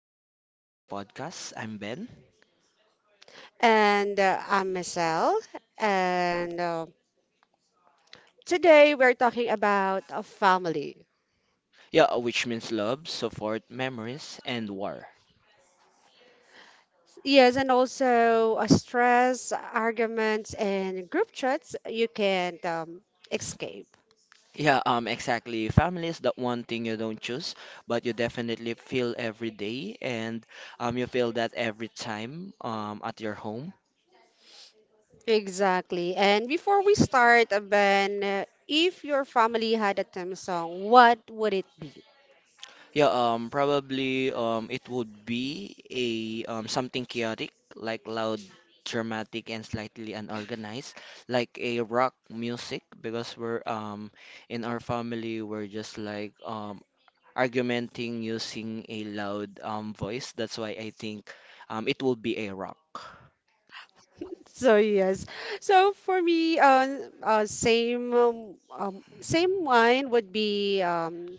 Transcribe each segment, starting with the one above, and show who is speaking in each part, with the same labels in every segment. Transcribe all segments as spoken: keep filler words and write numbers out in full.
Speaker 1: welcome back to the podcast. I'm Ben.
Speaker 2: And uh, I'm Michelle. And uh, Today we're talking about a family.
Speaker 1: Yeah, which means love, support, memories, and war.
Speaker 2: Yes, and also uh, stress, arguments, and group chats you can't um, escape.
Speaker 1: Yeah, um, exactly. Family is that one thing you don't choose, but you definitely feel every day, and um, you feel that every time um at your home.
Speaker 2: Exactly. And before we start, uh, Ben, uh, if your family had a theme song, what would it be?
Speaker 1: Yeah, um, probably um, it would be a um, something chaotic, like loud, dramatic, and slightly unorganized, like a rock music, because we're um in our family we're just like um argumenting using a loud um voice. That's why I think um it will be a rock.
Speaker 2: So yes, so for me, uh, uh same um, um, same wine would be um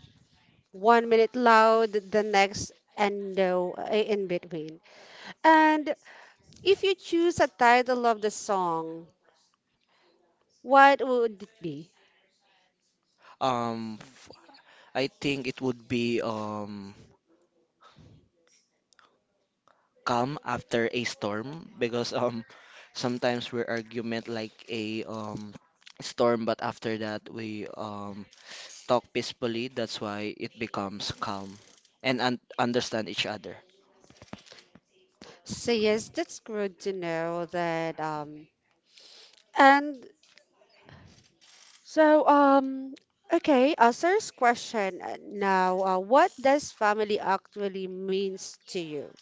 Speaker 2: one minute loud, the next, and no uh, in between. And if you choose a title of the song, what would it be?
Speaker 1: Um, I think it would be um calm after a storm, because um sometimes we argument like a um storm. But after that we um talk peacefully. That's why it becomes calm and un understand each other.
Speaker 2: So yes, that's good to know that. Um, and so um, okay. Uh, sir's question uh, now. Uh, what does family actually means to you?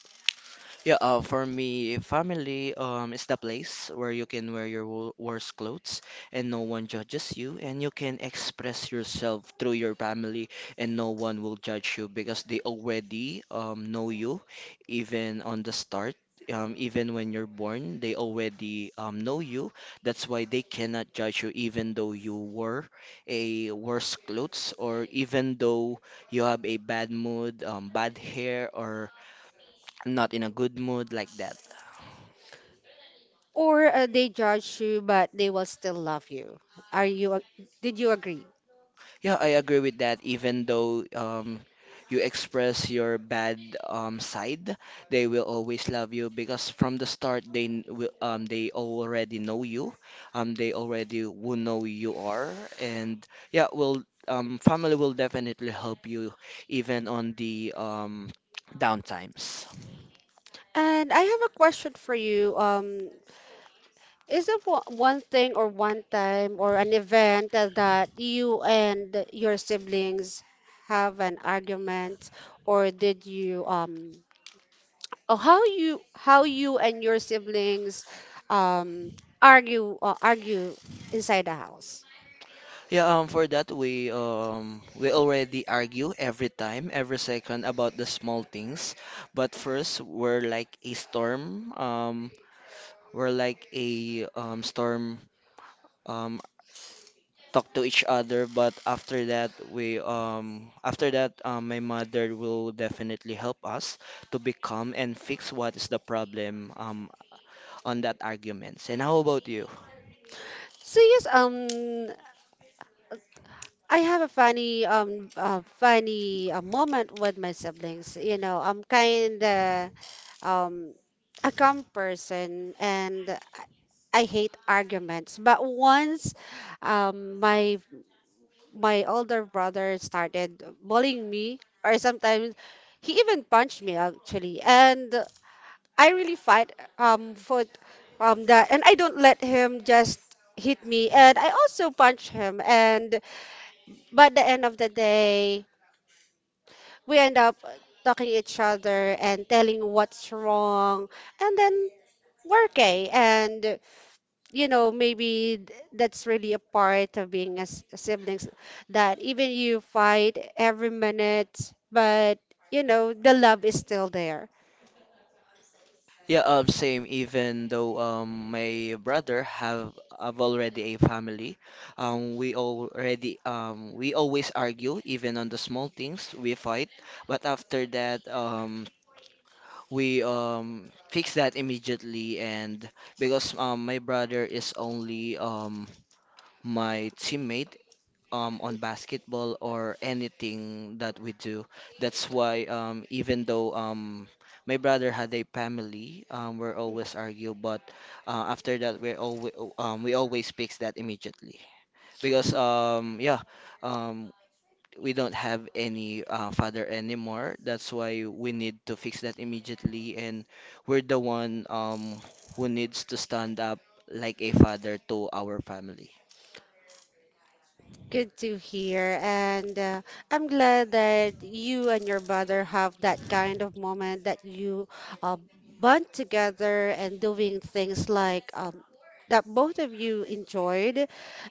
Speaker 1: Yeah, uh, for me, family um is the place where you can wear your wo- worst clothes, and no one judges you, and you can express yourself through your family, and no one will judge you because they already um know you, even on the start. Um, even when you're born, they already um, know you. That's why they cannot judge you, even though you were a worse clothes, or even though you have a bad mood, um, bad hair, or not in a good mood like that.
Speaker 2: Or uh, they judge you, but they will still love you. Are you? ag- Did you agree?
Speaker 1: Yeah, I agree with that. Even though um, you express your bad um, side, they will always love you because from the start they n- will um, they already know you. Um, they already will know you are, and yeah, will um, family will definitely help you even on the um, down times.
Speaker 2: And I have a question for you. Um, Is there wa- one thing or one time or an event that you and your siblings have an argument, or did you um, or how you how you and your siblings um argue or argue inside the house?
Speaker 1: Yeah, um, for that we um we already argue every time, every second, about the small things. But first, we're like a storm. Um, we're like a um storm. Um, talk to each other. But after that, we um after that, um, my mother will definitely help us to become and fix what is the problem um on that arguments. And how about you?
Speaker 2: So yes, um, I have a funny um uh, funny uh, moment with my siblings. You know, I'm kind of um a calm person, and I I hate arguments. But once um my my older brother started bullying me, or sometimes he even punched me actually, and I really fight um for um that, and I don't let him just hit me, and I also punch him. And but the end of the day, we end up talking each other and telling what's wrong, and then we're okay. And you know, maybe th- that's really a part of being as siblings, that even you fight every minute, but you know, the love is still there.
Speaker 1: Yeah, um, same. Even though um, my brother have have already a family, um, we already um, we always argue even on the small things we fight. But after that, um, we um, fix that immediately. And because um, my brother is only um, my teammate um, on basketball or anything that we do. That's why um, even though um, my brother had a family, um, we're always argue, but uh, after that we're always um, we always fix that immediately, because um, yeah, um, we don't have any uh, father anymore. That's why we need to fix that immediately, and we're the one um, who needs to stand up like a father to our family.
Speaker 2: Good to hear. And uh, I'm glad that you and your brother have that kind of moment that you uh, bond together and doing things like um, that both of you enjoyed.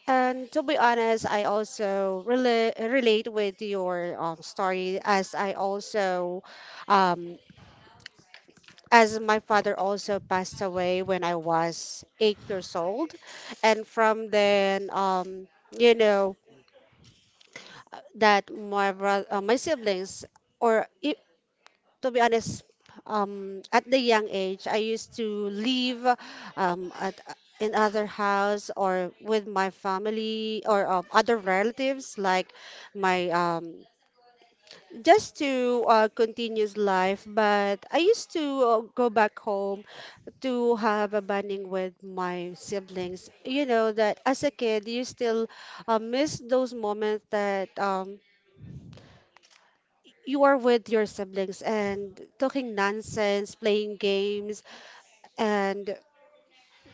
Speaker 2: And to be honest, I also rela relate with your um story, as I also, um, as my father also passed away when I was eight years old. And from then, um, you know, that my bro- uh, my siblings or i- to be honest, um, at the young age I used to live um at in other house, or with my family, or um, other relatives like my um just to uh, continue life. But I used to uh, go back home to have a bonding with my siblings. You know, that as a kid you still uh, miss those moments that um you are with your siblings and talking nonsense, playing games, and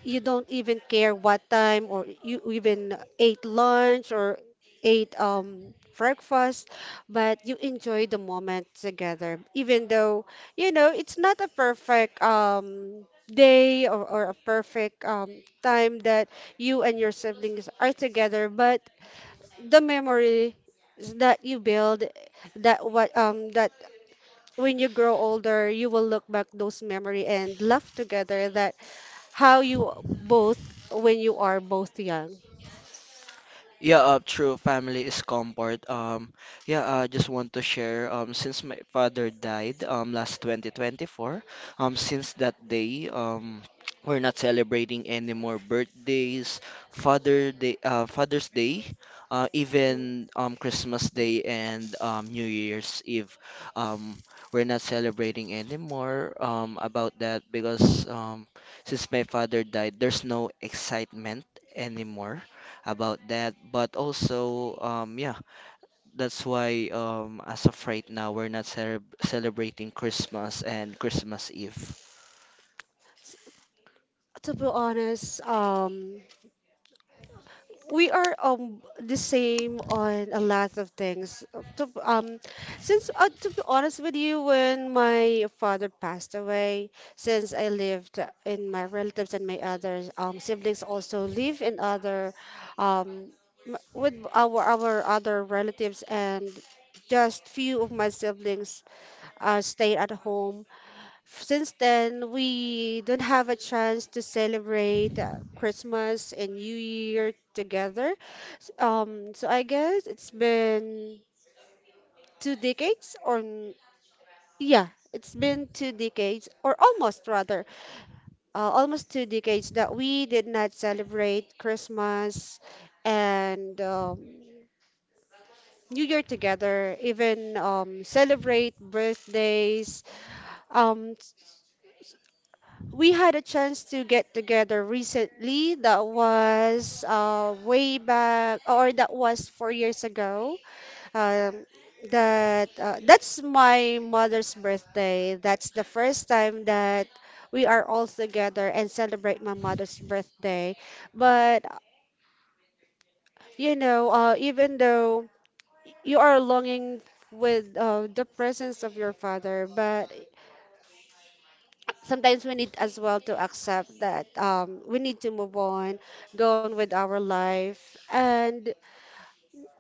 Speaker 2: you don't even care what time or you even ate lunch or ate um breakfast, but you enjoy the moment together. Even though you know it's not a perfect um day, or, or a perfect um time that you and your siblings are together, but the memory that you build, that what um, that when you grow older, you will look back those memory and laugh together, that how you both when you are both young.
Speaker 1: Yeah, uh, true. Family is comfort. Um, yeah, I just want to share. Um, since my father died, um, last twenty twenty-four, um, since that day, um, we're not celebrating any more birthdays, Father Day, uh, Father's Day, uh, even um, Christmas Day, and um, New Year's Eve. Um, we're not celebrating anymore um, about that, because um, since my father died, there's no excitement anymore about that. But also, um, yeah, that's why um, as of right now, we're not cele celebrating Christmas and Christmas Eve.
Speaker 2: To be honest, um, we are um the same on a lot of things. Uh, To, um, since uh, to be honest with you, when my father passed away, since I lived in my relatives, and my other um, siblings also live in other um m- with our our other relatives, and just few of my siblings uh, stayed at home. Since then, we don't have a chance to celebrate uh, Christmas and New Year together. S- Um, so I guess it's been two decades, or n- yeah, it's been two decades, or almost rather, uh, almost two decades that we did not celebrate Christmas and um, New Year together, even um, celebrate birthdays. Um, we had a chance to get together recently. That was uh, way back, or that was four years ago. Um, that uh, that's my mother's birthday. That's the first time that we are all together and celebrate my mother's birthday. But you know, uh, even though you are longing with uh, the presence of your father, but sometimes we need as well to accept that um, we need to move on, go on with our life, and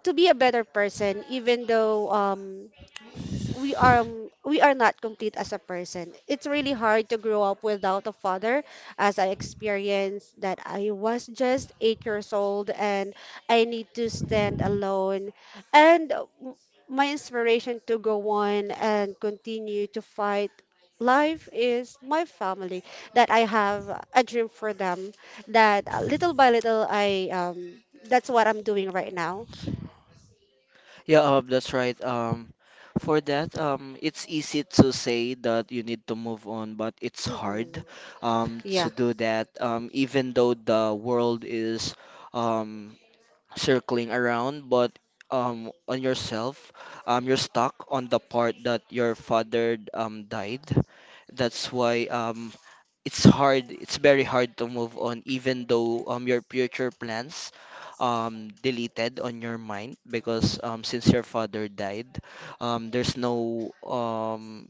Speaker 2: to be a better person, even though um, we are um, we are not complete as a person. It's really hard to grow up without a father, as I experienced that I was just eight years old and I need to stand alone. And uh, m- my inspiration to go on and continue to fight life is my family, that I have a dream for them, that uh, little by little I um, that's what I'm doing right now.
Speaker 1: Yeah, um, that's right. Um, for that, um, it's easy to say that you need to move on, but it's
Speaker 2: Hmm.
Speaker 1: hard, um, to
Speaker 2: Yeah.
Speaker 1: do that. Um, even though the world is, um, circling around, but um, on yourself, um, you're stuck on the part that your father um, died. That's why um, it's hard. It's very hard to move on, even though um, your future plans um, deleted on your mind, because um, since your father died, um, there's no um,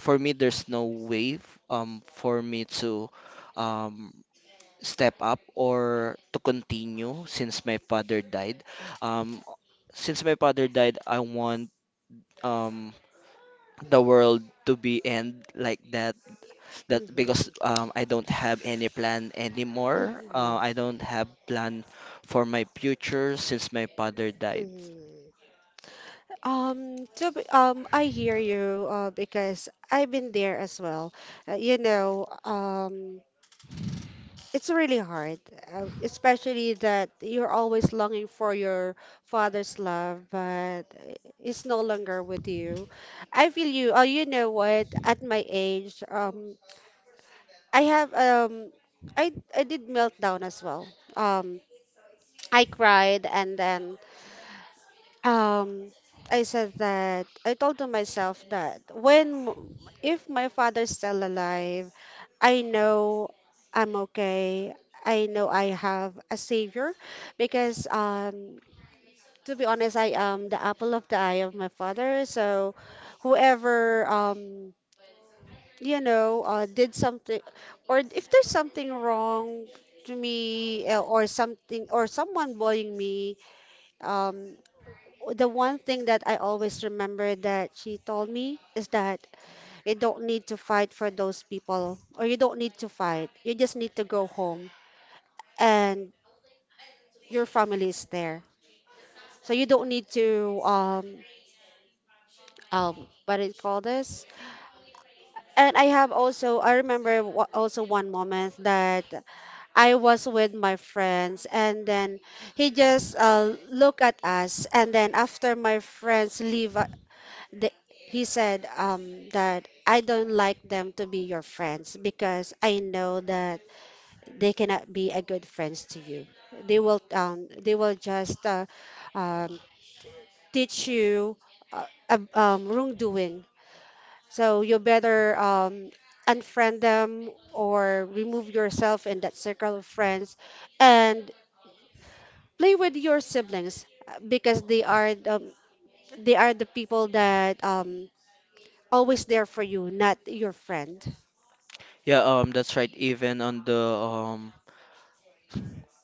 Speaker 1: for me there's no way f- um, for me to um, step up or to continue since my father died. Um, since my father died, I want um, the world to be end like that. That because um, I don't have any plan anymore. Uh, I
Speaker 2: Hmm.
Speaker 1: don't have plan for my future since my father died.
Speaker 2: Mm. Um, to be, um, I hear you uh, because I've been there as well. Uh, you know, um, it's really hard, uh, especially that you're always longing for your father's love, but it's no longer with you. I feel you. Oh, you know what? At my age, um, I have um, I I did meltdown as well. Um, I cried and then um, I said that I told to myself that when if my father's still alive, I know I'm okay. I know I have a savior, because um to be honest, I am the apple of the eye of my father. So whoever um you know uh, did something, or if there's something wrong to me uh, or something or someone bullying me, um, the one thing that I always remember that she told me is that you don't need to fight for those people, or you don't need to fight. You just need to go home, and your family is there. So you don't need to um um what do you call this? And I have also I remember wa- also one moment that I was with my friends, and then he just uh, look at us, and then after my friends leave the, he said um, that I don't like them to be your friends, because I know that they cannot be a good friends to you. They will um, they will just uh, um, teach you uh, ab- um, wrongdoing. So you better um, unfriend them, or remove yourself in that circle of friends, and play with your siblings uh, because they are the, they are the people that um, always there for you, not your friend.
Speaker 1: Yeah, um, that's right. Even on the um,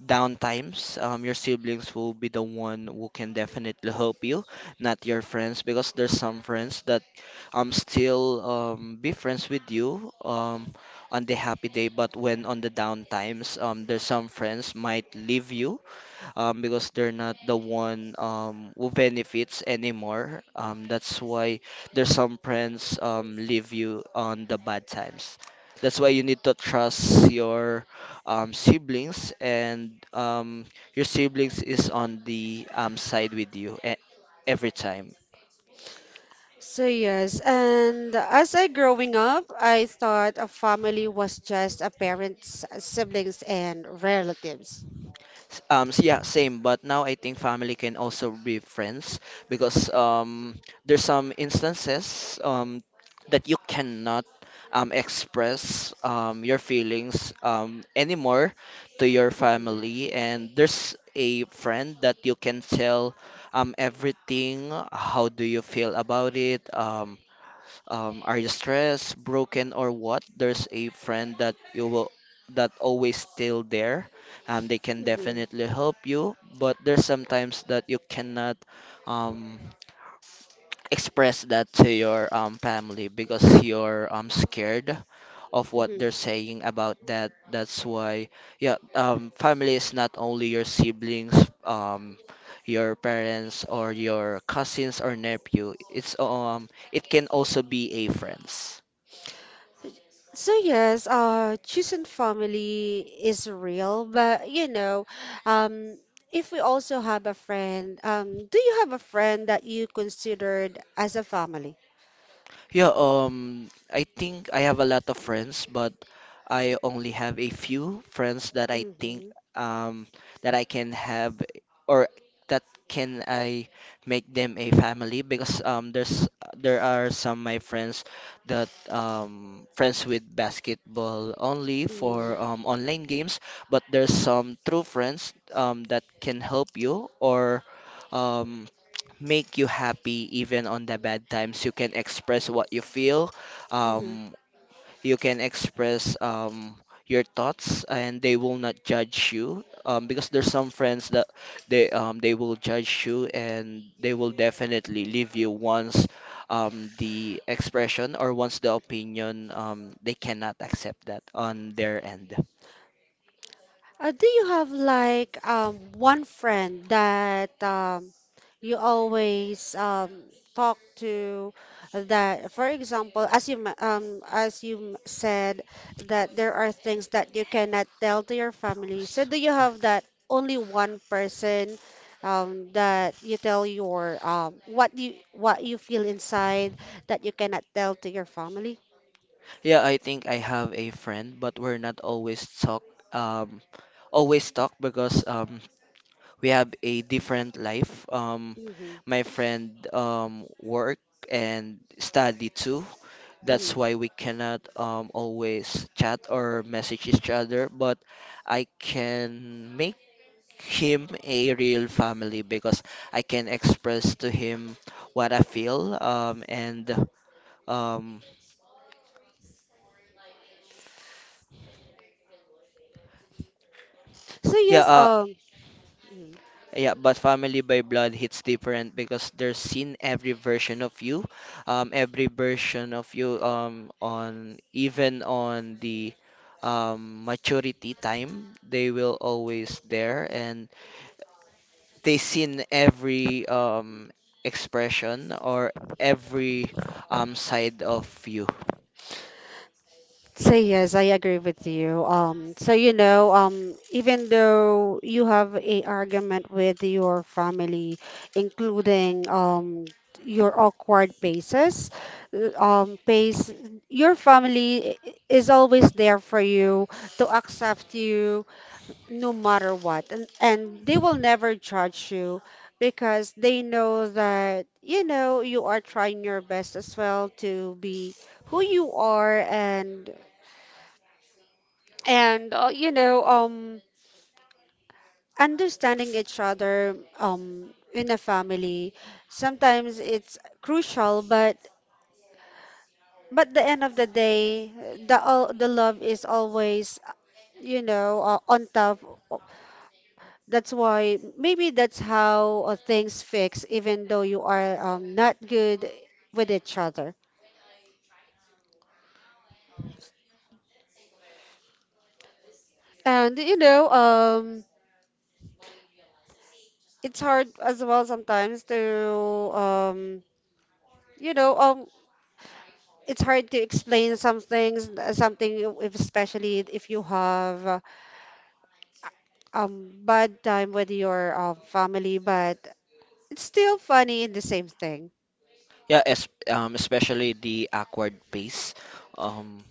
Speaker 1: downtimes, um, your siblings will be the one who can definitely help you, not your friends, because there's some friends that um still um be friends with you um on the happy day, but when on the downtimes, um, there's some friends might leave you um, because they're not the one um, who benefits anymore. Um, that's why there's some friends um, leave you on the bad times. That's why you need to trust your um, siblings, and um, your siblings is on the um, side with you e- every time.
Speaker 2: So yes, and as I growing up, I thought a family was just a parents, siblings, and relatives.
Speaker 1: S- Um, s- yeah, same. But now I think family can also be friends, because um, there's some instances um, that you cannot um, express um, your feelings um, anymore to your family, and there's a friend that you can tell um, everything. How do you feel about it? Um, um, are you stressed, broken, or what? There's a friend that you will that always still there. Um, they can
Speaker 2: Hmm.
Speaker 1: definitely help you, but there's sometimes that you cannot um, express that to your um, family because you're um, scared of what
Speaker 2: Hmm.
Speaker 1: they're saying about that. That's why, yeah, um, family is not only your siblings, um, your parents, or your cousins or nephew. It's um it can also be a friends.
Speaker 2: So yes, uh, choosing family is real, but you know, um, if we also have a friend, um, do you have a friend that you considered as a family?
Speaker 1: Yeah, um, I think I have a lot of friends, but I only have a few friends that I think
Speaker 2: Mm-hmm.
Speaker 1: um that I can have, or that can I make them a family, because um there's there are some my friends that um friends with basketball only
Speaker 2: Mm-hmm.
Speaker 1: for um online games, but there's some true friends um that can help you, or um make you happy even on the bad times. You can express what you feel. Um, you can express um, your thoughts, and they will not judge you. Um, because there's some friends that they um, they will judge you, and they will definitely leave you once um, the expression, or once the opinion, um, they cannot accept that on their end.
Speaker 2: Uh, do you have like um one friend that um you always um talk to, that for example as you m- um as you m- said, that there are things that you cannot tell to your family. So do you have that only one person um that you tell your um what you what you feel inside that you cannot tell to your family?
Speaker 1: Yeah, I think I have a friend, but we're not always talk um always talk, because um we have a different life. Um,
Speaker 2: Mm-hmm.
Speaker 1: my friend um, work and study too. That's why
Speaker 2: Mm-hmm.
Speaker 1: we cannot um, always chat or message each other. But I can make him a real family, because I can express to him what I feel. Um, and um,
Speaker 2: So
Speaker 1: yeah,
Speaker 2: yes,
Speaker 1: uh,
Speaker 2: um, mm-hmm.
Speaker 1: yeah, but family by blood hits different, because they're seen every version of you, um, every version of you, um, on even on the um, maturity time, they will always there, and they seen every um, expression, or every um, side of you.
Speaker 2: So yes, I agree with you. Um, so you know, um, even though you have a argument with your family, including um your awkward paces, uh, um, pace, your family i- is always there for you to accept you no matter what, and and they will never judge you, because they know that you know you are trying your best as well to be who you are. And and uh, You know um, understanding each other um in a family sometimes it's crucial, but but the end of the day, the all the love is always, you know uh, on top. That's why maybe that's how uh, things fix, even though you are um, not good with each other. And you know um, it's hard as well sometimes to um, you know um, it's hard to explain some things, uh, something if, especially if you have uh, um bad time with your um, family, but it's still funny in the same thing.
Speaker 1: Yeah, es um, especially the awkward pace. Um,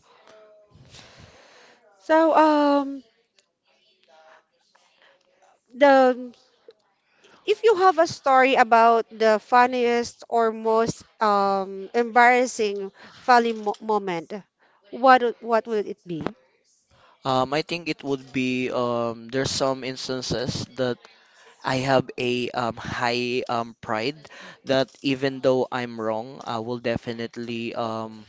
Speaker 2: So um, the if you have a story about the funniest or most um embarrassing family mo- moment, what would- what would it be?
Speaker 1: um, I think it would be, um, there's some instances that I have a um, high um, pride, that even though I'm wrong, I will definitely um,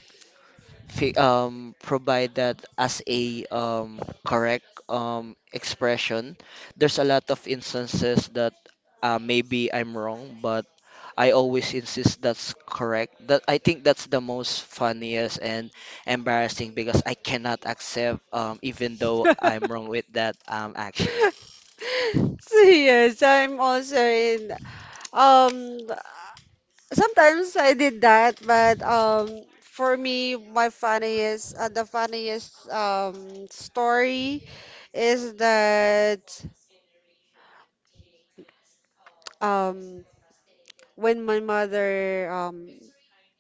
Speaker 1: fi um, provide that as a um, correct um, expression. There's a lot of instances that, uh, maybe I'm wrong, but I always insist that's correct. That I think that's the most funniest and embarrassing, because I cannot accept, um, even though I'm wrong with that um, action.
Speaker 2: So yes, I'm also in um, sometimes I did that, but um, for me, my funniest, uh, the funniest um story is that um when my mother um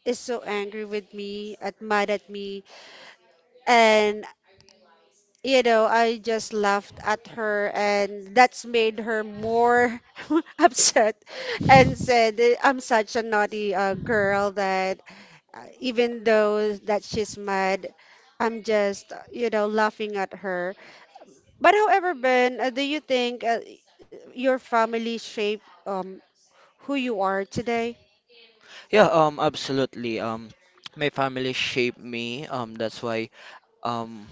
Speaker 2: is so angry with me, at mad at me, and you know, I just laughed at her, and that's made her more upset and said, eh, I'm such a naughty uh, girl that uh, even though that she's mad, I'm just, uh, you know, laughing at her. But however, Ben, uh, do you think uh, your family shaped um, who you are today?
Speaker 1: Yeah, um, absolutely. Um, my family shaped me. Um, that's why, um,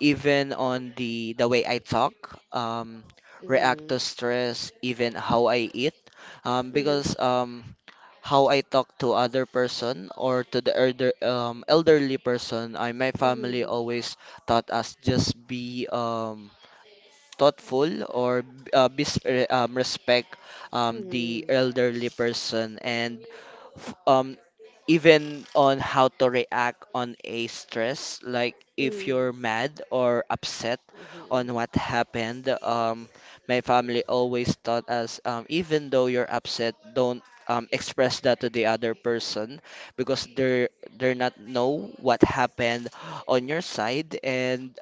Speaker 1: even on the the way I talk, um, react
Speaker 2: Mm-hmm.
Speaker 1: to stress, even how I eat, um, because
Speaker 2: Mm-hmm.
Speaker 1: um, how I talk to other person or to the elder um elderly person, I my family
Speaker 2: Mm-hmm.
Speaker 1: always taught us, just be um thoughtful, or b- uh, be s- re- um, respect um the elderly person, and f- um even on how to react on a stress, like if you're
Speaker 2: Mm-hmm.
Speaker 1: mad or upset on what
Speaker 2: Mm-hmm.
Speaker 1: happened. Um my family always taught us, um even though you're upset, don't um express that to the other person, because they're they're not know what happened on your side. and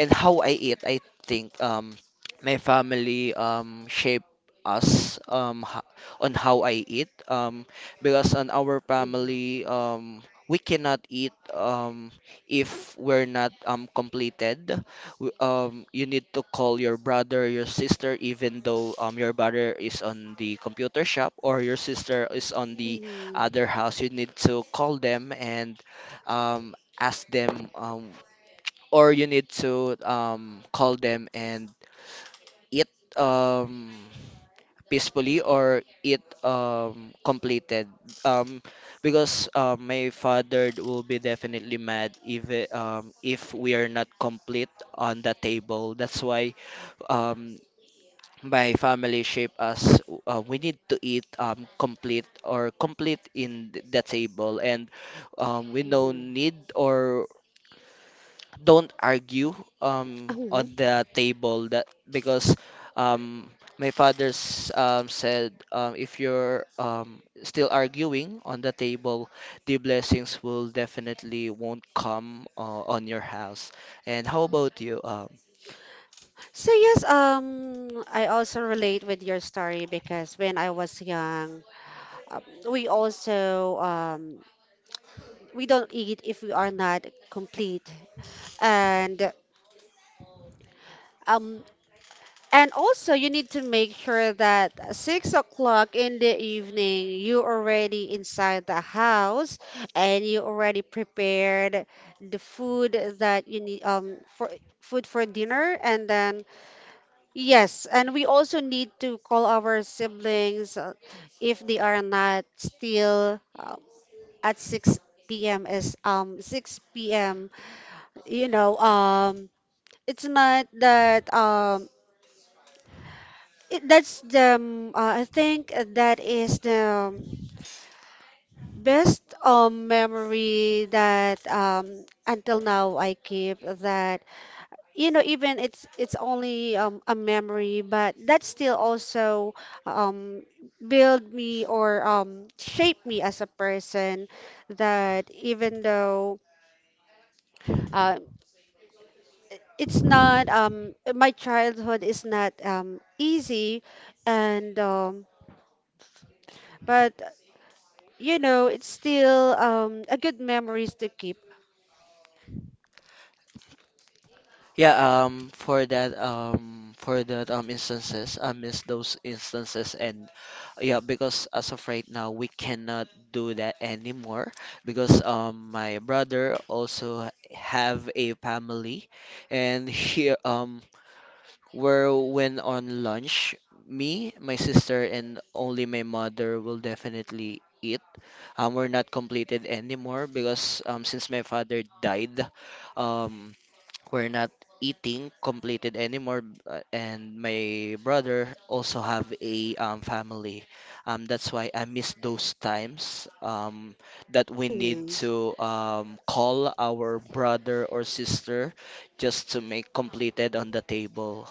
Speaker 1: and how I eat, I think, um, my family, um, shape us, um, ho- on how I eat, um, because on our
Speaker 2: Mm-hmm.
Speaker 1: family, um, we cannot eat, um, if we're not um, completed. W- Um, you need to call your brother, your sister, even though um, your brother is on the computer shop, or your sister is on the other house. You need to call them and um, ask them. Um, or you need to um, call them and eat um, peacefully, or eat um, completed, um, because uh, my father will be definitely mad if it- um, if we are not complete on the table. That's why, um, my family shape us, uh, we need to eat um, complete, or complete in th- the table, and um, we no
Speaker 2: Mm-hmm.
Speaker 1: need or don't argue um
Speaker 2: Mm-hmm.
Speaker 1: on the table. That because um my father's um said, um if you're um still arguing on the table, the blessings will definitely won't come uh, on your house. And how about you um.
Speaker 2: So yes, um, I also relate with your story because when I was young, um, we also um, we don't eat if we are not complete, and um, and also you need to make sure that six o'clock in the evening, you already inside the house and you already prepared the food that you need um for food for dinner. And then yes, and we also need to call our siblings, uh, if they are not still, uh, at six p m Is um six p m. You know, um it's not that um it, that's the um, uh, I think that is the um, best um memory that, um until now, I keep that. You know even it's it's only um, a memory, but that still also um build me or um shape me as a person, that even though, uh, it's not um my childhood is not um easy and um but, you know it's still um a good memories to keep.
Speaker 1: Yeah, um, for that, um, for that, um, instances, I miss those instances, and yeah, because as of right now, we cannot do that anymore because um, my brother also have a family, and he um where when on lunch, me, my sister, and only my mother will definitely eat. Um, we're not completed anymore because um, since my father died, um, we're not eating completed anymore. uh, And my brother also have a um, family. Um, that's why I miss those times um, that we need to um, call our brother or sister just to make completed on the table.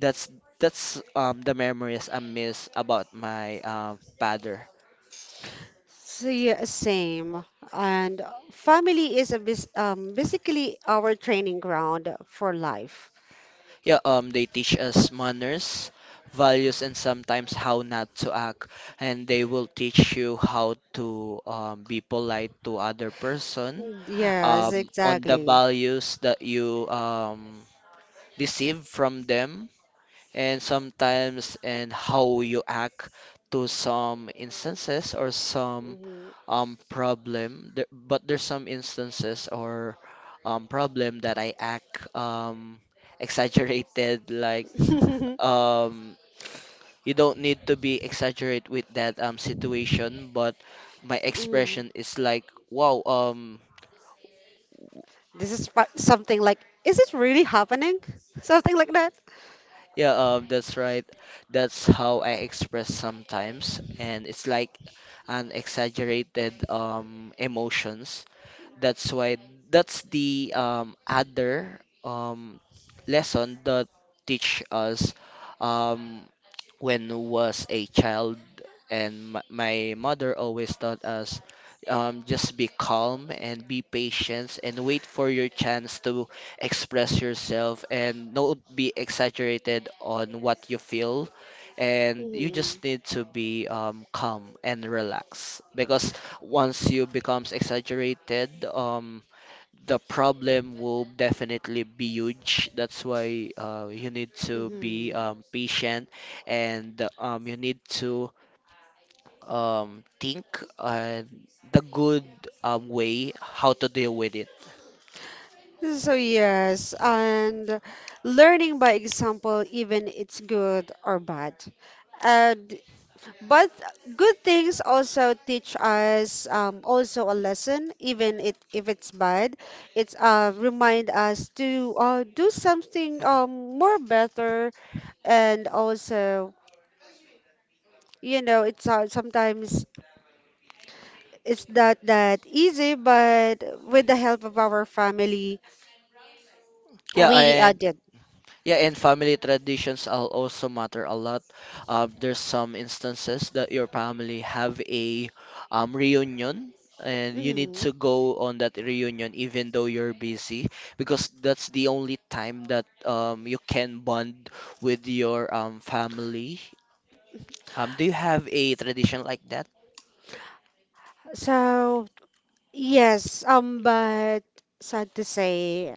Speaker 1: That's that's um the memories I miss about my um father.
Speaker 2: So yeah, same. And family is a bas- um, basically our training ground for life.
Speaker 1: Yeah, um they teach us manners, values, and sometimes how not to act, and they will teach you how to um, be polite to other person
Speaker 2: Mm, yes,
Speaker 1: um on the
Speaker 2: exactly.
Speaker 1: values that you um receive from them, and sometimes and how you act to some instances or some
Speaker 2: Mhm.
Speaker 1: um problem there. But there's some instances or um problem that I act um exaggerated, like um you don't need to be exaggerate with that um situation, but my
Speaker 2: Mm.
Speaker 1: expression is like wow um
Speaker 2: This is fa- something like, is it really happening? Something like that.
Speaker 1: Yeah, um, that's right. That's how I express sometimes, and it's like an exaggerated um emotions. That's why that's the um other um lesson that teach us um when was a child. And my, my mother always taught us, um, just be calm and be patient and wait for your chance to express yourself and not be exaggerated on what you feel. And you
Speaker 2: Mhm.
Speaker 1: just need to be um, calm and relax, because once you becomes exaggerated, um, the problem will definitely be huge. That's why uh, you need to be
Speaker 2: Mhm.
Speaker 1: um, patient, and um, you need to um, think and the good um, way how to deal with it.
Speaker 2: So yes, and learning by example, even it's good or bad. And but good things also teach us, um, also a lesson, even it if it's bad. It's, uh, remind us to, uh, do something, um, more better, and also, you know it's, uh, sometimes it's not that easy, but with the help of our family,
Speaker 1: Yeah,
Speaker 2: we, uh,
Speaker 1: and
Speaker 2: did.
Speaker 1: yeah, and family traditions al- also matter a lot. Um, there's some instances that your family have a um, reunion, and you need
Speaker 2: Hmm.
Speaker 1: to go on that reunion even though you're busy, because that's the only time that um, you can bond with your um, family. Um, do you have a tradition like that?
Speaker 2: So yes, um, but sad to say,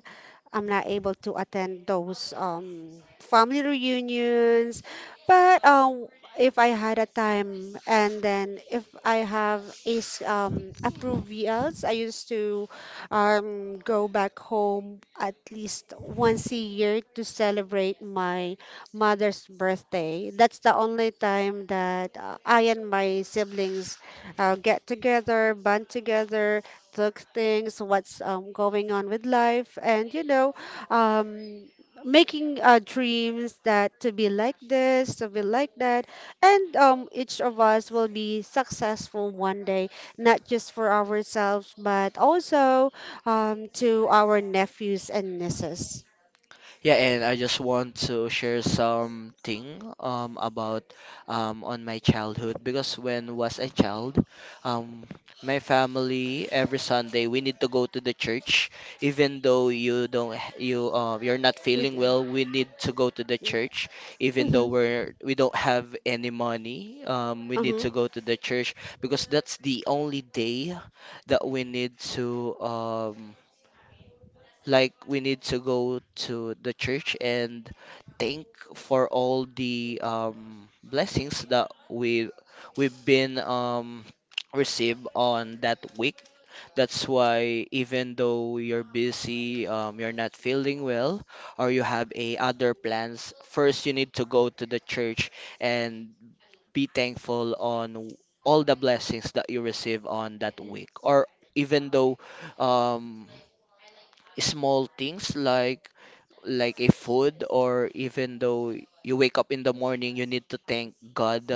Speaker 2: I'm not able to attend those um family reunions. But, um, if I had a time, and then if I have is um approved V Ls, I used to um go back home at least once a year to celebrate my mother's birthday. That's the only time that, uh, I and my siblings, uh, get together, band together, took things, what's, um, going on with life, and, you know, um, making, uh, dreams, that to be like this, to be like that, and, um, each of us will be successful one day, not just for ourselves, but also, um, to our nephews and nieces.
Speaker 1: Yeah, and I just want to share something um about um on my childhood, because when was a child, um my family every Sunday we need to go to the church, even though you don't you uh, you're not
Speaker 2: It,
Speaker 1: feeling
Speaker 2: uh,
Speaker 1: well, we need to go to the church, even though
Speaker 2: mm-hmm,
Speaker 1: we're we don't have any money, um we need
Speaker 2: uh-huh,
Speaker 1: to go to the church because that's the only day that we need to um like we need to go to the church and thank for all the um, blessings that we we've been um, received on that week. That's why even though you're busy, um, you're not feeling well, or you have a other plans, first you need to go to the church and be thankful on w- all the blessings that you receive on that week. Or even though um, small things like like a food, or even though you wake up in the morning you need to thank God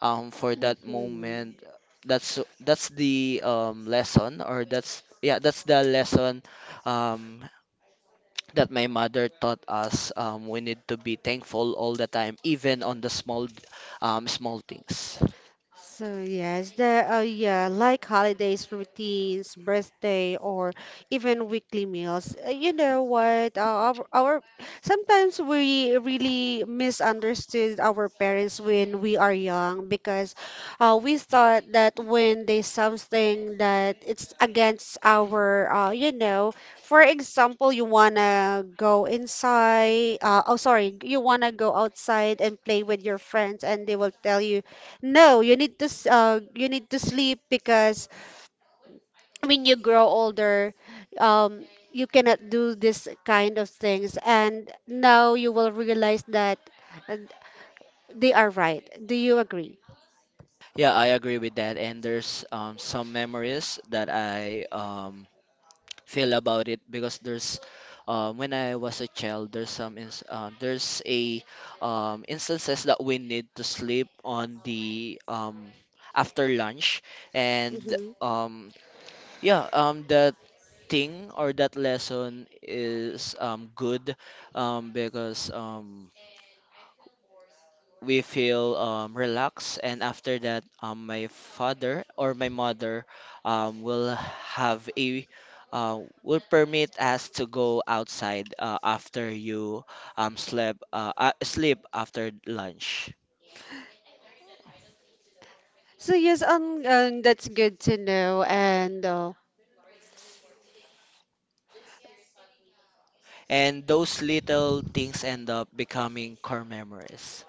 Speaker 1: um for that
Speaker 2: mm-hmm.
Speaker 1: moment. that's that's the um lesson, or that's yeah that's the lesson um that my mother taught us. Um we need to be thankful all the time, even on the small um small things.
Speaker 2: So yes, the uh, yeah, like holidays, routines, birthday, or even weekly meals. Uh, You know what? Uh, our, our sometimes we really misunderstood our parents when we are young, because, uh, we thought that when they something that it's against our, uh, you know, for example, you wanna go inside. Uh, oh, sorry, you wanna go outside and play with your friends, and they will tell you no, you need to s- uh, you need to sleep, because when you grow older, um, you cannot do this kind of things, and now you will realize that, uh, they are right. Do you agree?
Speaker 1: Yeah, I agree with that, and there's um some memories that I um feel about it, because there's um, when I was a child there's some ins- um, there's a um, instances that we need to sleep on the um, after lunch, and
Speaker 2: Hmm.
Speaker 1: um, yeah, um, that thing or that lesson is um, good, um, because um, we feel um, relaxed, and after that um, my father or my mother um, will have a uh, will permit us to go outside uh, after you um, slept uh, uh, sleep after lunch.
Speaker 2: So yes, um, um, that's good to know, and, uh,
Speaker 1: And those little things end up becoming core memories.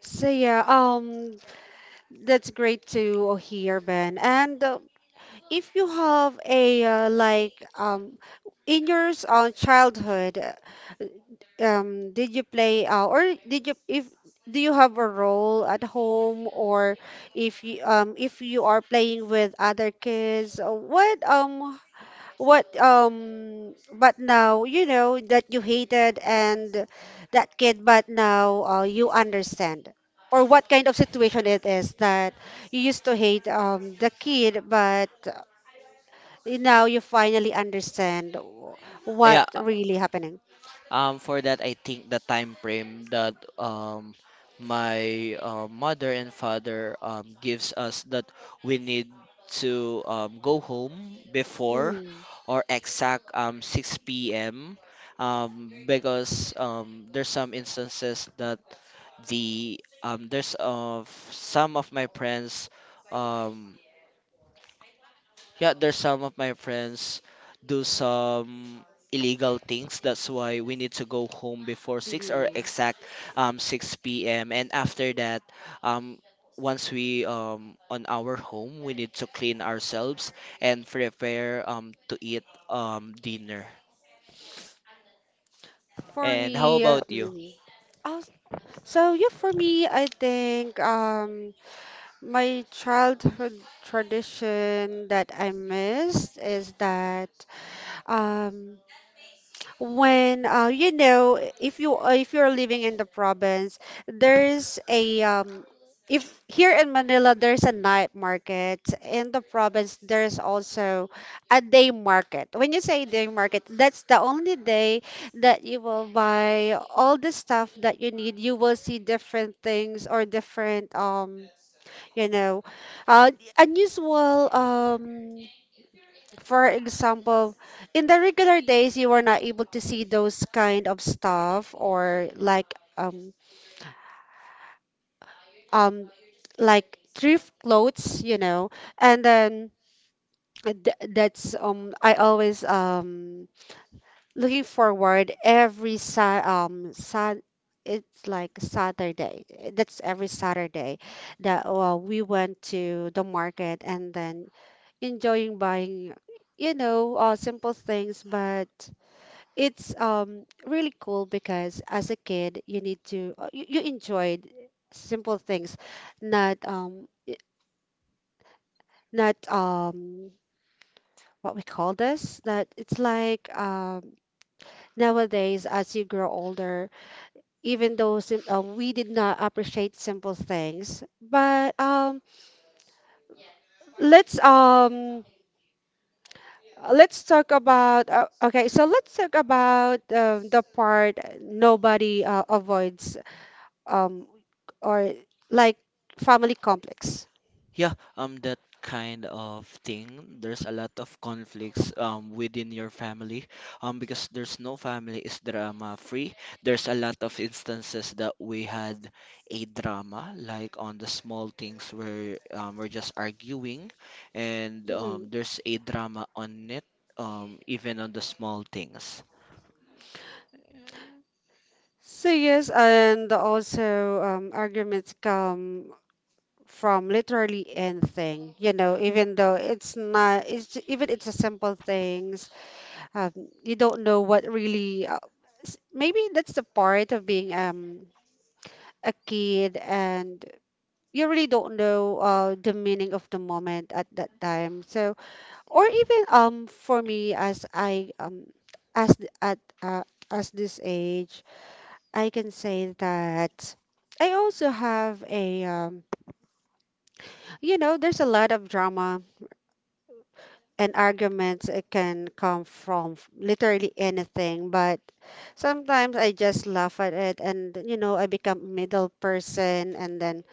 Speaker 2: so yeah, um, that's great to hear, Ben. And, uh, if you have a, uh, like um in your s- uh, childhood, uh, um did you play, uh, or did you, if do you have a role at home, or if you, um if you are playing with other kids, uh, what, um what um but now you know that you hated, and that kid but now, uh, you understand or what kind of situation it is that you used to hate um the kid, but now you finally understand w- what
Speaker 1: Yeah,
Speaker 2: really happening.
Speaker 1: um, for that, I think the time frame that um my uh, mother and father um gives us, that we need to um, go home before
Speaker 2: Mm,
Speaker 1: or exact um six p m, um because um there's some instances that the um there's of some of my friends, um yeah, there's some of my friends do some illegal things. That's why we need to go home before six, or
Speaker 2: mhm.
Speaker 1: exact um six p m. And after that, um once we um on our home, we need to clean ourselves and prepare um to eat um dinner.
Speaker 2: For
Speaker 1: And how
Speaker 2: me,
Speaker 1: about you?
Speaker 2: mm, oh, so yeah, for me, I think, um, my childhood tradition that I missed is that, um, when, uh, you know if you, uh, if you're living in the province, there's a, um, if here in Manila there's a night market, in the province there's also a day market. When you say day market, that's the only day that you will buy all the stuff that you need. You will see different things, or different, um you know uh unusual, um for example, in the regular days, you were not able to see those kind of stuff, or like, um um like thrift clothes, you know. And then th- that's, um I always, um looking forward every sa um sa it's like Saturday. That's every Saturday that, uh, we went to the market and then enjoying buying, you know, uh, simple things, but it's, um really cool, because as a kid you need to, uh, you, you enjoyed simple things, not, um y- not, um what we call this, that it's like, um nowadays as you grow older, even though, sim- uh, we did not appreciate simple things. But, um let's um let's talk about, uh, okay, so let's talk about um the part nobody, uh, avoids, um or like, family complex.
Speaker 1: Yeah, um, that kind of thing. There's a lot of conflicts um within your family, um, because there's no family is drama free. There's a lot of instances that we had a drama, like on the small things, where um, we're just arguing, and
Speaker 2: Hmm.
Speaker 1: um, there's a drama on it, um, even on the small things.
Speaker 2: So yes, and also, um, arguments come from literally anything. You know, even though it's not, it's even it's a simple things. Um, you don't know what really. Uh, s- maybe that's the part of being, um a kid, and you really don't know, uh, the meaning of the moment at that time. So, or even, um for me, as I, um as th- at uh, as this age, I can say that I also have a, um you know there's a lot of drama and arguments. It can come from, f- literally anything, but sometimes I just laugh at it, and, you know I become a middle person, and then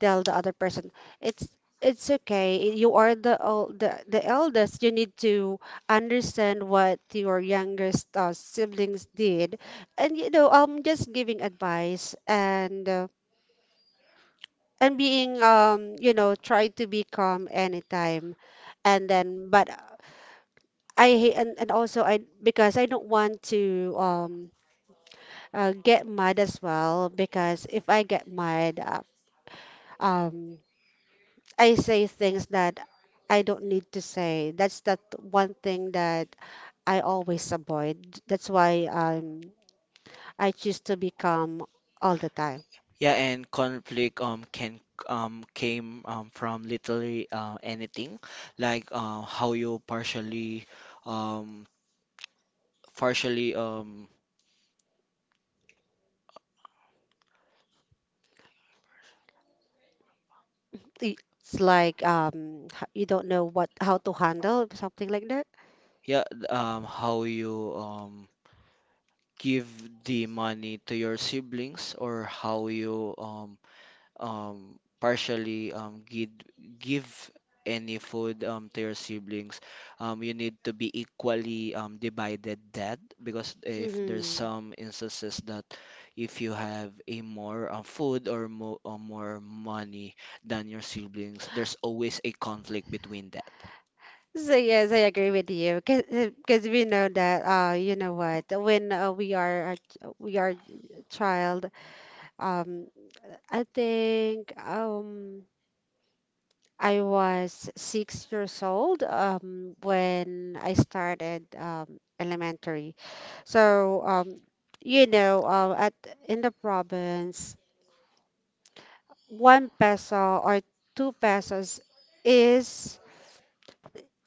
Speaker 2: tell the other person, it's it's okay, you are the el- the, the eldest, you need to understand what your youngest, uh, siblings did. And, you know I'm just giving advice, and, uh, and being, um you know try to be calm anytime. And then, but, uh, I hate, and, and also I, because I don't want to, um uh, get mad as well, because if I get mad, uh, um I say things that I don't need to say. That's that one thing that I always avoid. That's why, um, I choose to be calm all the time.
Speaker 1: Yeah, and conflict um can um came um from literally uh, anything, like uh, how you partially um partially um
Speaker 2: I- It's like, um, h- you don't know what, how to handle something like that.
Speaker 1: yeah th- um how you um give the money to your siblings, or how you um um partially um give give any food um to your siblings. Um you need to be equally um divided that, because if
Speaker 2: Hmm.
Speaker 1: there's some instances that if you have a more uh, food, or, mo- or more money than your siblings, there's always a conflict between that.
Speaker 2: So yes, I agree with you, because we know that, uh you know what, when, uh, we are a, ch- we are a child, um I think, um I was six years old um when I started, um elementary. So, um you know uh, at in the province, one peso or two pesos is,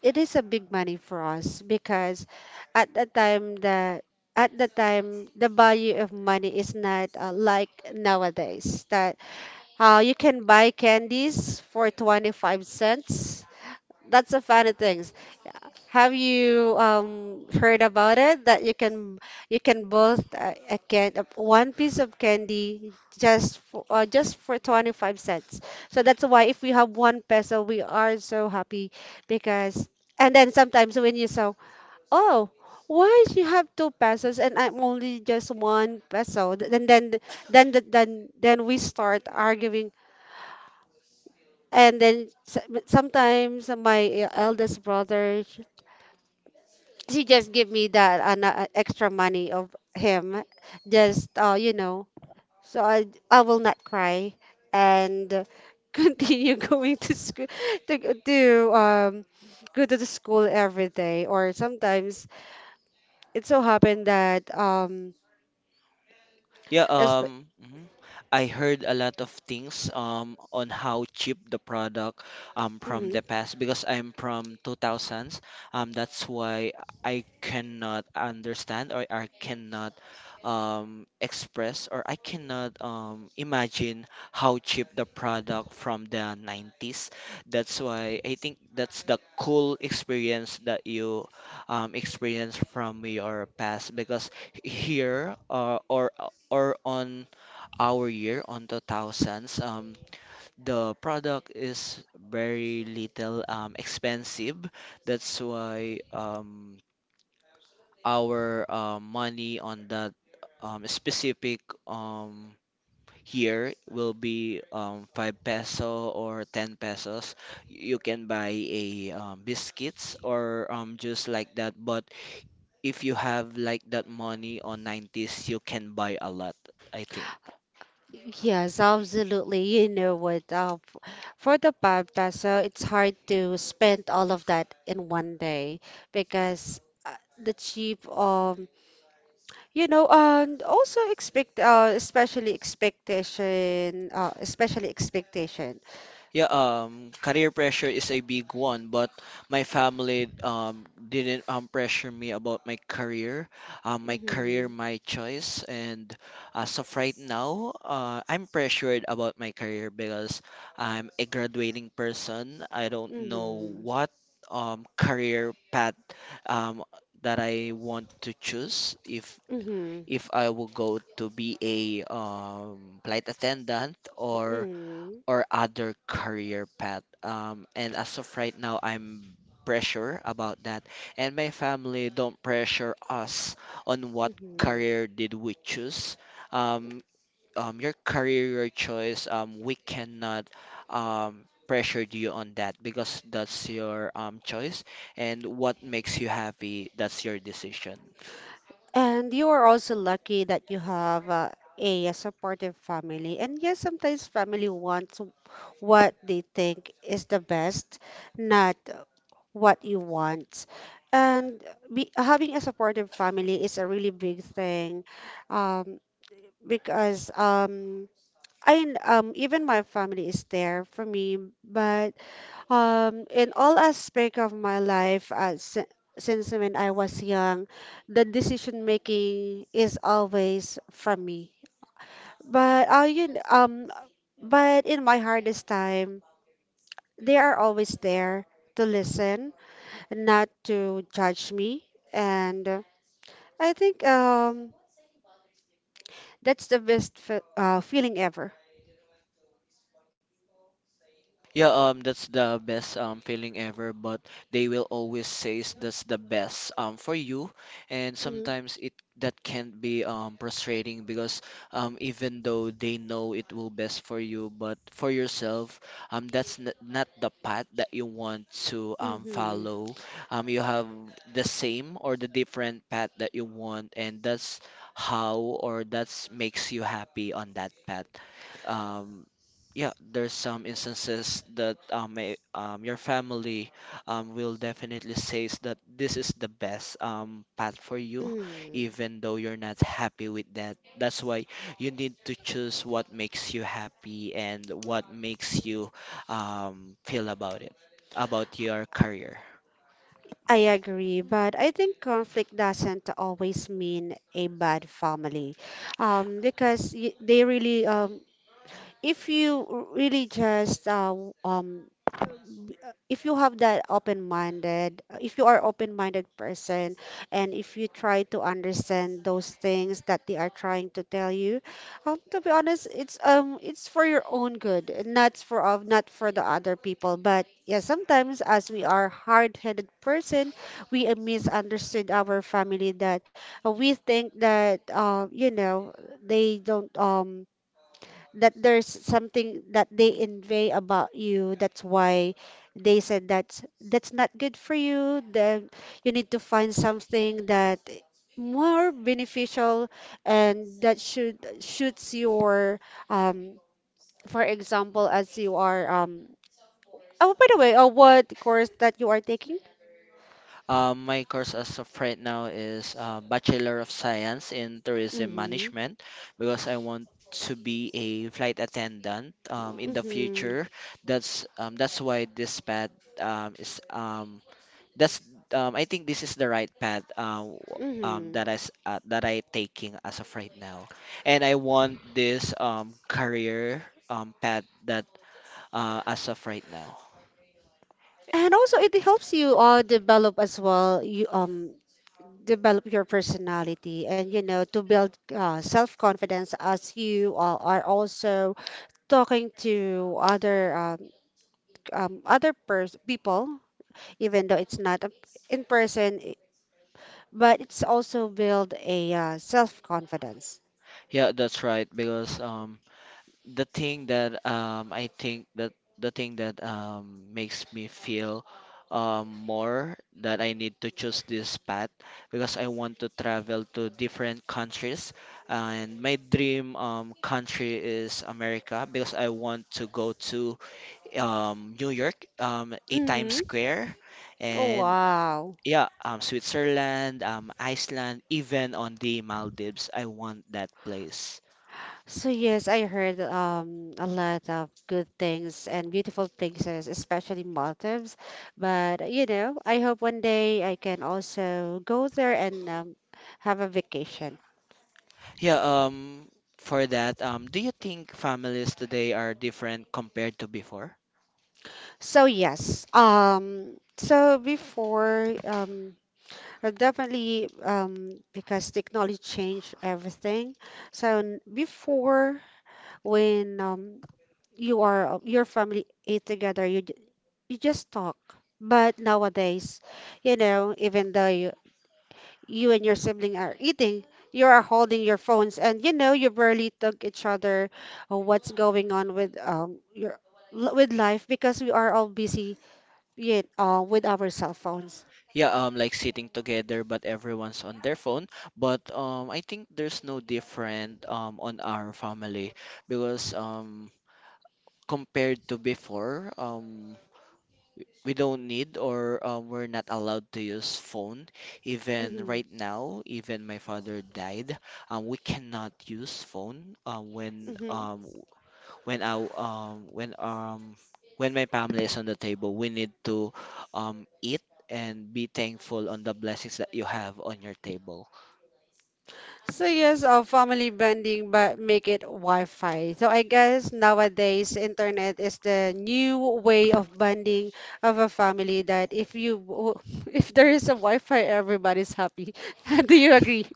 Speaker 2: it is a big money for us, because at the time the at the time, the value of money is not, uh, like nowadays. That Uh, you can buy candies for twenty-five cents. That's a funny things. Have you, um, heard about it that you can you can both, uh, a can uh, one piece of candy, just for uh, just for twenty-five cents. So that's why if we have one peso, we are so happy. Because, and then sometimes when you saw, oh, why she have two pesos and I'm only just one peso? Th- Then then then then then, then we start arguing, and then, s- sometimes my, eh, eldest brother, sh- she just give me that, an, uh, extra money of him, just uh, you know. So I, I will not cry, and, uh, continue going to school, to go- to um go to the school every day. Or sometimes it so happened that, um,
Speaker 1: Yeah, um, mhm. I heard a lot of things um on how cheap the product um from the
Speaker 2: mm,
Speaker 1: past, because I'm from two thousands. Um, that's why I cannot understand, or I cannot um express, or I cannot um imagine how cheap the product from the nineties. That's why I think that's the cool experience that you um experience from your past, because here uh, or or on our year on the thousands, um, the product is very little um, expensive. That's why um, our uh, money on that um, specific um, year will be um, five peso or ten pesos, you can buy a um, biscuits or um, just like that. But if you have like that money on nineties, you can buy a lot, I think.
Speaker 2: yes, absolutely. You know what? Uh, f- for the five peso, it's hard to spend all of that in one day, because, uh, the cheap, um, you know, and also, expect, uh, especially, expectation, uh, especially expectation.
Speaker 1: Yeah, um, career pressure is a big one, but my family um didn't um pressure me about my career, um, my career,
Speaker 2: Mm-hmm.
Speaker 1: my choice. And as of right now, uh, I'm pressured about my career because I'm a graduating person. I don't know
Speaker 2: Mm-hmm.
Speaker 1: what um career path um that I want to choose, if
Speaker 2: Mm-hmm.
Speaker 1: if I will go to be a um flight attendant or
Speaker 2: Mm-hmm.
Speaker 1: or other career path. Um, and as of right now, I'm pressure about that. And my family don't pressure us on what
Speaker 2: Mm-hmm.
Speaker 1: career did we choose. Um, um, your career, your choice. Um, we cannot um, pressure you on that, because that's your um, choice, and what makes you happy, that's your decision.
Speaker 2: And you are also lucky that you have, uh, a supportive family. And yes, sometimes family wants what they think is the best, not what you want. And, be, having a supportive family is a really big thing, um, because, um, I um even my family is there for me. But, um, in all aspect of my life, uh, si since when I was young, the decision making is always from me. But, uh, you, kn- um, but in my hardest time, they are always there to listen, not to judge me, and, uh, I think, um, that's the best, fe uh, feeling ever.
Speaker 1: Yeah, um, that's the best um feeling ever, but they will always say that's the best um for you, and
Speaker 2: Mm-hmm.
Speaker 1: sometimes it that can be um frustrating, because um even though they know it will best for you, but for yourself, um that's n not the path that you want to um
Speaker 2: Mm-hmm.
Speaker 1: follow. Um, you have the same or the different path that you want, and that's how or that's makes you happy on that path. Um, yeah, there's some instances that um, may, um your family um will definitely says that this is the best um path for you,
Speaker 2: Mm-hmm.
Speaker 1: even though you're not happy with that. That's why you need to choose what makes you happy and what makes you um feel about it, about your career.
Speaker 2: I agree, but I think conflict doesn't always mean a bad family, um, because, y- they really, um, if you really just, uh, w- um b- uh, if you have that open-minded uh, if you are open-minded person, and if you try to understand those things that they are trying to tell you, um, to be honest, it's um it's for your own good, and not for of not for the other people. But yeah, sometimes as we are hard-headed person, we, uh, misunderstood our family, that, uh, we think that, uh, you know they don't um that there's something that they envy about you. That's why they said, that's that's not good for you. Then you need to find something that more beneficial and that should suits your um for example as you are um oh by the way, uh, what course that you are taking.
Speaker 1: Um, my course as of right now is uh, Bachelor of Science in Tourism
Speaker 2: Mm-hmm.
Speaker 1: Management, because I want to be a flight attendant um, in the
Speaker 2: Mm-hmm.
Speaker 1: future. That's um, that's why this path um, is um, that's um, I think this is the right path uh, w- um,
Speaker 2: Mm-hmm.
Speaker 1: that I s- uh, that I taking as of right now, and I want this um, career um, path that uh, as of right now.
Speaker 2: And also it helps you uh develop as well, you um develop your personality, and you know to build uh, self-confidence as you uh, are also talking to other um, um, other pers- people, even though it's not a, in person i- but it's also build a uh, self-confidence.
Speaker 1: Yeah, that's right, because um, the thing that um I think that the thing that um makes me feel um more that I need to choose this path, because I want to travel to different countries, and my dream um country is America, because I want to go to um New York, um a Times
Speaker 2: Mm-hmm.
Speaker 1: Square, and
Speaker 2: Wow.
Speaker 1: yeah, um Switzerland, um Iceland, even on the Maldives. I want that place.
Speaker 2: So yes, I heard um a lot of good things and beautiful things, es- especially Maldives. But uh, you know, I hope one day I can also go there and um, have a vacation.
Speaker 1: Yeah, um, for that, um, do you think families today are different compared to before?
Speaker 2: So yes, um, so before um, uh, definitely um because technology changed everything. So n- before when um you are uh, your family ate together, you you just talk. But nowadays, you know, even though you, you and your sibling are eating, you are holding your phones, and you know you barely talk each other uh, what's going on with um your l- with life, because we are all busy yet uh, with our cell phones.
Speaker 1: Yeah, um, like sitting together, but everyone's on their phone. But um, I think there's no different um on our family, because um compared to before, um, we don't need, or um, we're not allowed to use phone. Even
Speaker 2: Mm-hmm.
Speaker 1: right now, even my father died, um, we cannot use phone uh, when
Speaker 2: Mm-hmm.
Speaker 1: um when I um when um when my family is on the table, we need to um eat and be thankful on the blessings that you have on your table.
Speaker 2: So yes, uh, family bonding, but make it Wi-Fi. So I guess nowadays internet is the new way of bonding of a family. That if you w- if there is a Wi-Fi, everybody's happy. Do you agree?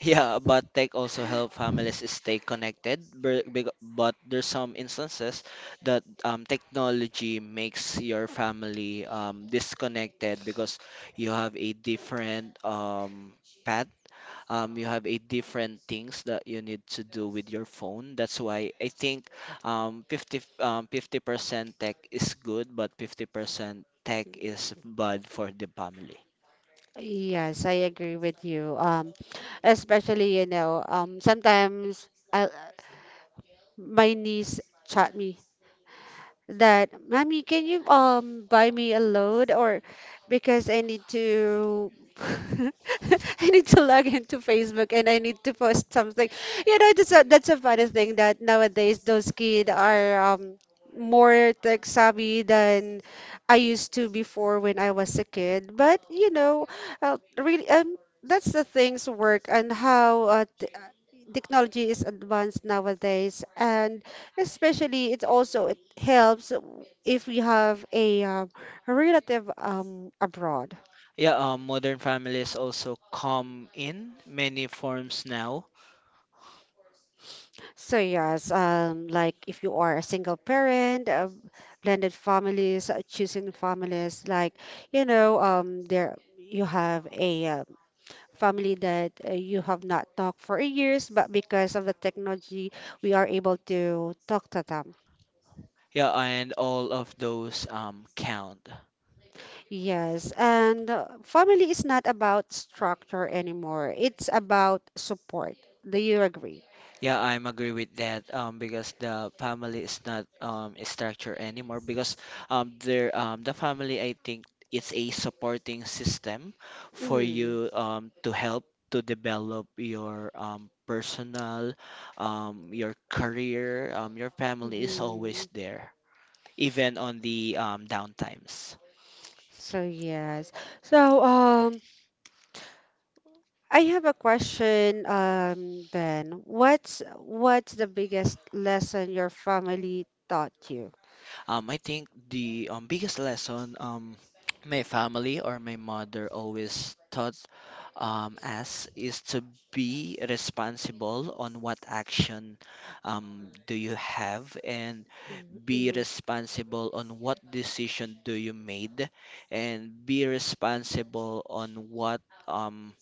Speaker 1: Yeah, but tech also help families stay connected. bur- big- But there's some instances that um, technology makes your family um, disconnected because you have a different um, path. Um, you have eight different things that you need to do with your phone. That's why I think um, 50 um, fifty percent tech is good, but fifty percent tech is bad for the family.
Speaker 2: Yes, I agree with you. Um, especially you know, um, sometimes I, my niece chat me that, Mommy, can you um buy me a load, or because I need to I need to log into Facebook and I need to post something. You know, that's a that's a funny thing that nowadays those kids are um more tech savvy than I used to before when I was a kid. But you know, uh, really, um, that's the things work and how uh, t- uh, technology is advanced nowadays, and especially it's also helps if we have a um, relative um, abroad.
Speaker 1: Yeah, um, modern families also come in many forms now.
Speaker 2: So yes, um, like if you are a single parent, uh, blended families, uh, choosing families, like you know, um, there you have a um, family that uh, you have not talked for years, but because of the technology, we are able to talk to them.
Speaker 1: Yeah, and all of those um, count.
Speaker 2: Yes, and uh, family is not about structure anymore. It's about support. Do you agree?
Speaker 1: Yeah, I'm agree with that, um, because the family is not um, a structure anymore because um, there um, the family, I think, it's a supporting system for
Speaker 2: Mm,
Speaker 1: you, um, to help to develop your um, personal, um, your career. Um, your family is always
Speaker 2: mhm.
Speaker 1: there even on the um, downtimes.
Speaker 2: So yes. So um I have a question, um, Ben. What's what's the biggest lesson your family taught you?
Speaker 1: Um, I think the um, biggest lesson, um, my family or my mother always taught um, us, is to be responsible on what action um, do you have, and be
Speaker 2: Mm-hmm,
Speaker 1: responsible on what decision do you made, and be responsible on what um,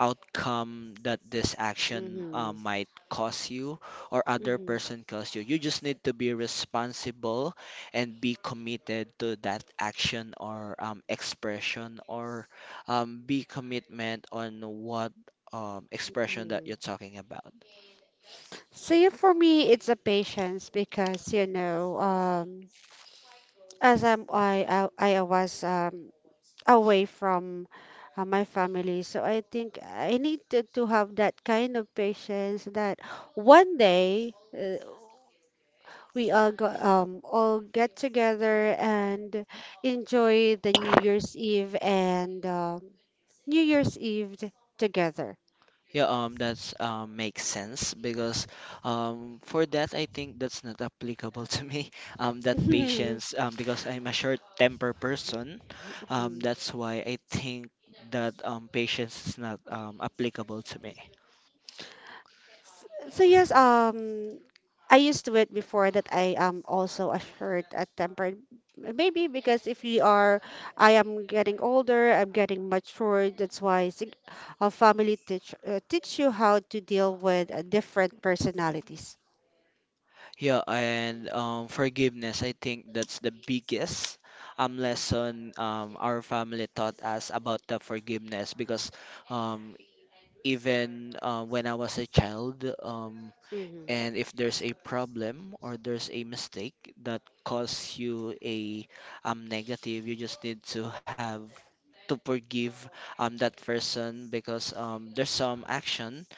Speaker 1: outcome that this action uh,
Speaker 2: mm-hmm,
Speaker 1: might cause you or other
Speaker 2: mm-hmm.
Speaker 1: person cause you. You just need to be responsible and be committed to that action or um, expression, or um, be commitment on what um,
Speaker 2: So yeah,
Speaker 1: expression that you're talking about.
Speaker 2: for me, it's a patience because you know, um, as I'm, I, I, I was um, away from uh, my family. So I think I need to, to have that kind of patience that one day uh, we all go, um, all get together and enjoy the New Year's Eve and um New Year's Eve t- together.
Speaker 1: Yeah, um, that's um makes sense because um for that, I think that's not applicable to me. Um, that patience, um because I'm a short temper person. Um, that's why I think that um patience is not um applicable to me.
Speaker 2: So yes, um, I used to it before that I am also a short a tempered. Maybe because if you are, I am getting older, I'm getting mature. That's why sig- a family teach uh, teach you how to deal with uh, different personalities.
Speaker 1: Yeah, and um forgiveness, I think that's the biggest um lesson um our family taught us about, the forgiveness, because um even uh, when I was a child. um
Speaker 2: Mm-hmm.
Speaker 1: And if there's a problem or there's a mistake that caused you a um negative, you just need to have to forgive um that person, because um there's some action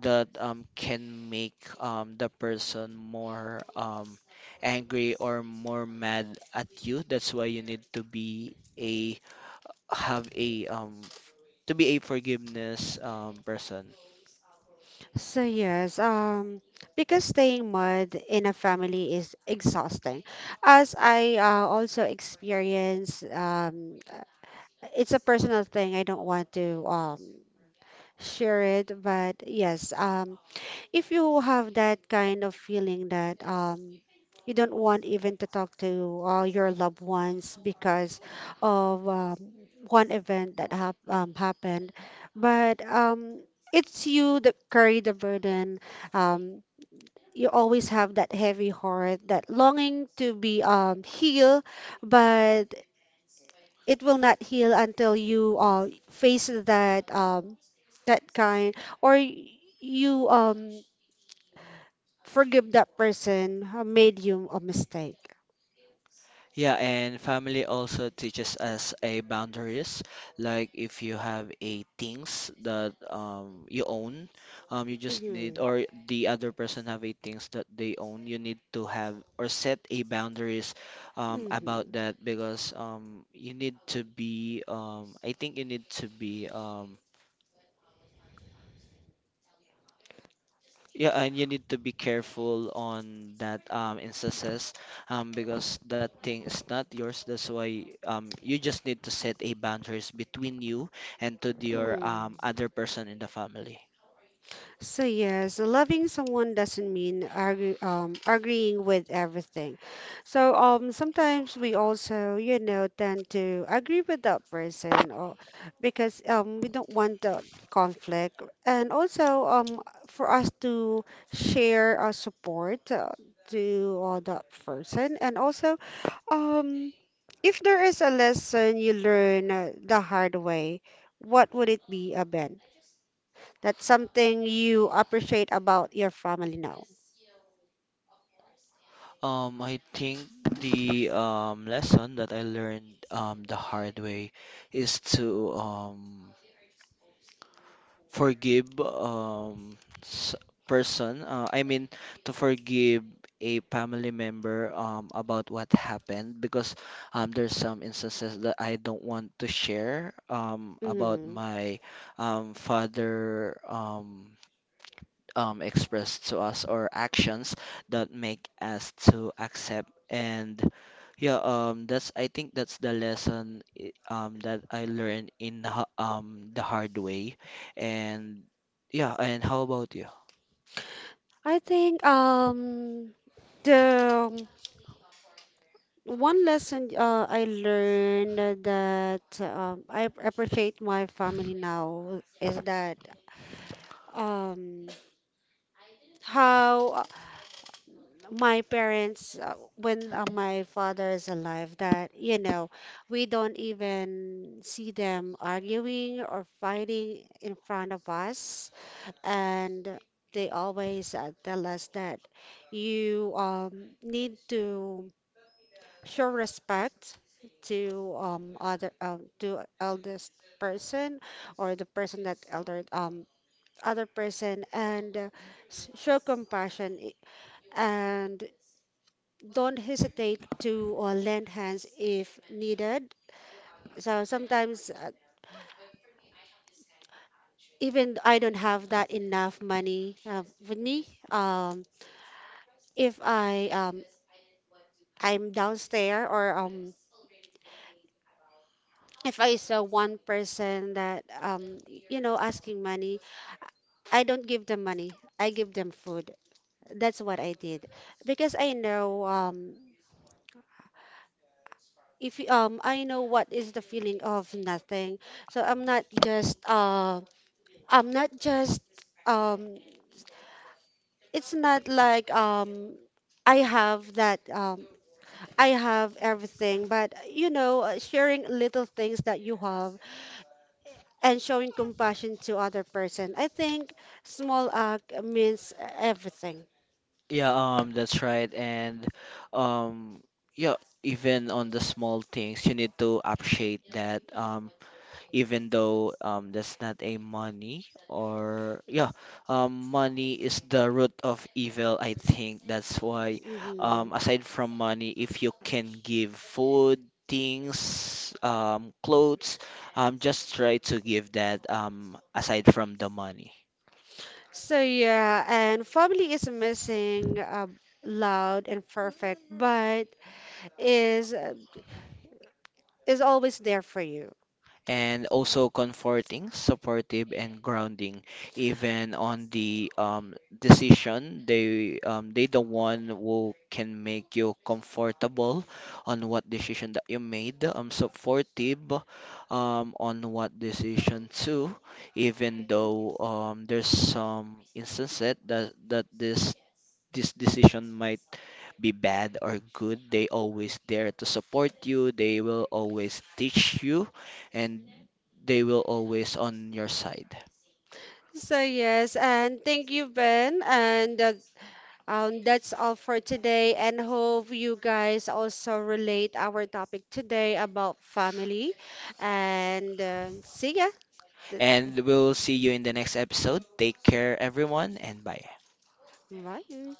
Speaker 1: that um can make um the person more um angry or more mad at you. That's why you need to be a, have a, um to be a forgiveness um person.
Speaker 2: So yes, um, because staying mud in a family is exhausting, as I uh, also experience, um, uh, it's a personal thing. I don't want to um share it, but yes, um if you have that kind of feeling that um you don't want even to talk to all your loved ones because of um, one event that hap- um, happened, but um it's you that carry the burden, um you always have that heavy heart that longing to be um healed, but it will not heal until you uh, face that um, that kind or y- you um, forgive that person who made you a mistake.
Speaker 1: Yeah, and family also teaches us a boundaries. Like if you have a things that um you own, um you just need,
Speaker 2: Mm-hmm.
Speaker 1: or the other person have a things that they own, you need to have or set a boundaries um
Speaker 2: Mm-hmm.
Speaker 1: about that, because um you need to be um I think you need to be um. Yeah, and you need to be careful on that, um, instances, um, because that thing is not yours. That's why, um, you just need to set a boundaries between you and to the- your
Speaker 2: Mm-hmm.
Speaker 1: um, other person in the family.
Speaker 2: So yes, loving someone doesn't mean argue, um, agreeing with everything. So um, sometimes we also, you know, tend to agree with that person, or because um, we don't want the conflict, and also um, for us to share our support uh, to uh, that person, and also um, if there is a lesson you learn uh, the hard way, what would it be, Aben? That's something you appreciate about your family now.
Speaker 1: Um, I think the um, lesson that I learned um, the hard way is to um, forgive um s- person uh, I mean to forgive a family member um, about what happened, because um, there's some instances that I don't want to share um, about
Speaker 2: Mm.
Speaker 1: my um, father um, um, Expressed to us or actions that make us to accept, and yeah, um that's, I think that's the lesson, i- um that I learned in the ha- um the hard way. And yeah, and how about you?
Speaker 2: I think um the one lesson uh, I learned that um, I ap- appreciate my family now is that um how uh, my parents uh, when uh, my father is alive, that you know we don't even see them arguing or fighting in front of us, and they always uh, tell us that you um, need to show respect to um, other uh, to eldest person or the person that elder um, other person, and uh, s- show compassion i- and don't hesitate to uh, lend hands if needed. So sometimes uh, even I don't have that enough money uh, with me, um, if I um, I'm downstairs or um if I saw one person that um y- you know asking money, I don't give them money. I give them food. That's what I did, because I know um if you- um I know what is the feeling of nothing. So I'm not just uh I'm not just um it's not like um I have that um I have everything, but you know, uh, sharing little things that you have and showing compassion to other person. I think small act means everything.
Speaker 1: Yeah, um that's right. And um yeah even on the small things you need to appreciate that, um even though, um, that's not a money. Or yeah, um, money is the root of evil, I think that's why,
Speaker 2: Hmm.
Speaker 1: um, aside from money, if you can give food, things, um, clothes, um, just try to give that, um, aside from the money.
Speaker 2: So yeah, and family is missing uh, loud and perfect, but is is always there for you.
Speaker 1: And also comforting, supportive, and grounding, even on the, um, decision. They um, they the one who can make you comfortable on what decision that you made. Um, supportive, um, on what decision too, even though, um, there's some instances that that this this decision might be bad or good, they always there to support you, they will always teach you, and they will always on your side.
Speaker 2: So yes, and thank you, Ben, and uh, um, that's all for today. And hope you guys also relate our topic today about family. And uh, see ya. Th-
Speaker 1: And we'll see you in the next episode. Take care, everyone, and bye.
Speaker 2: Bye.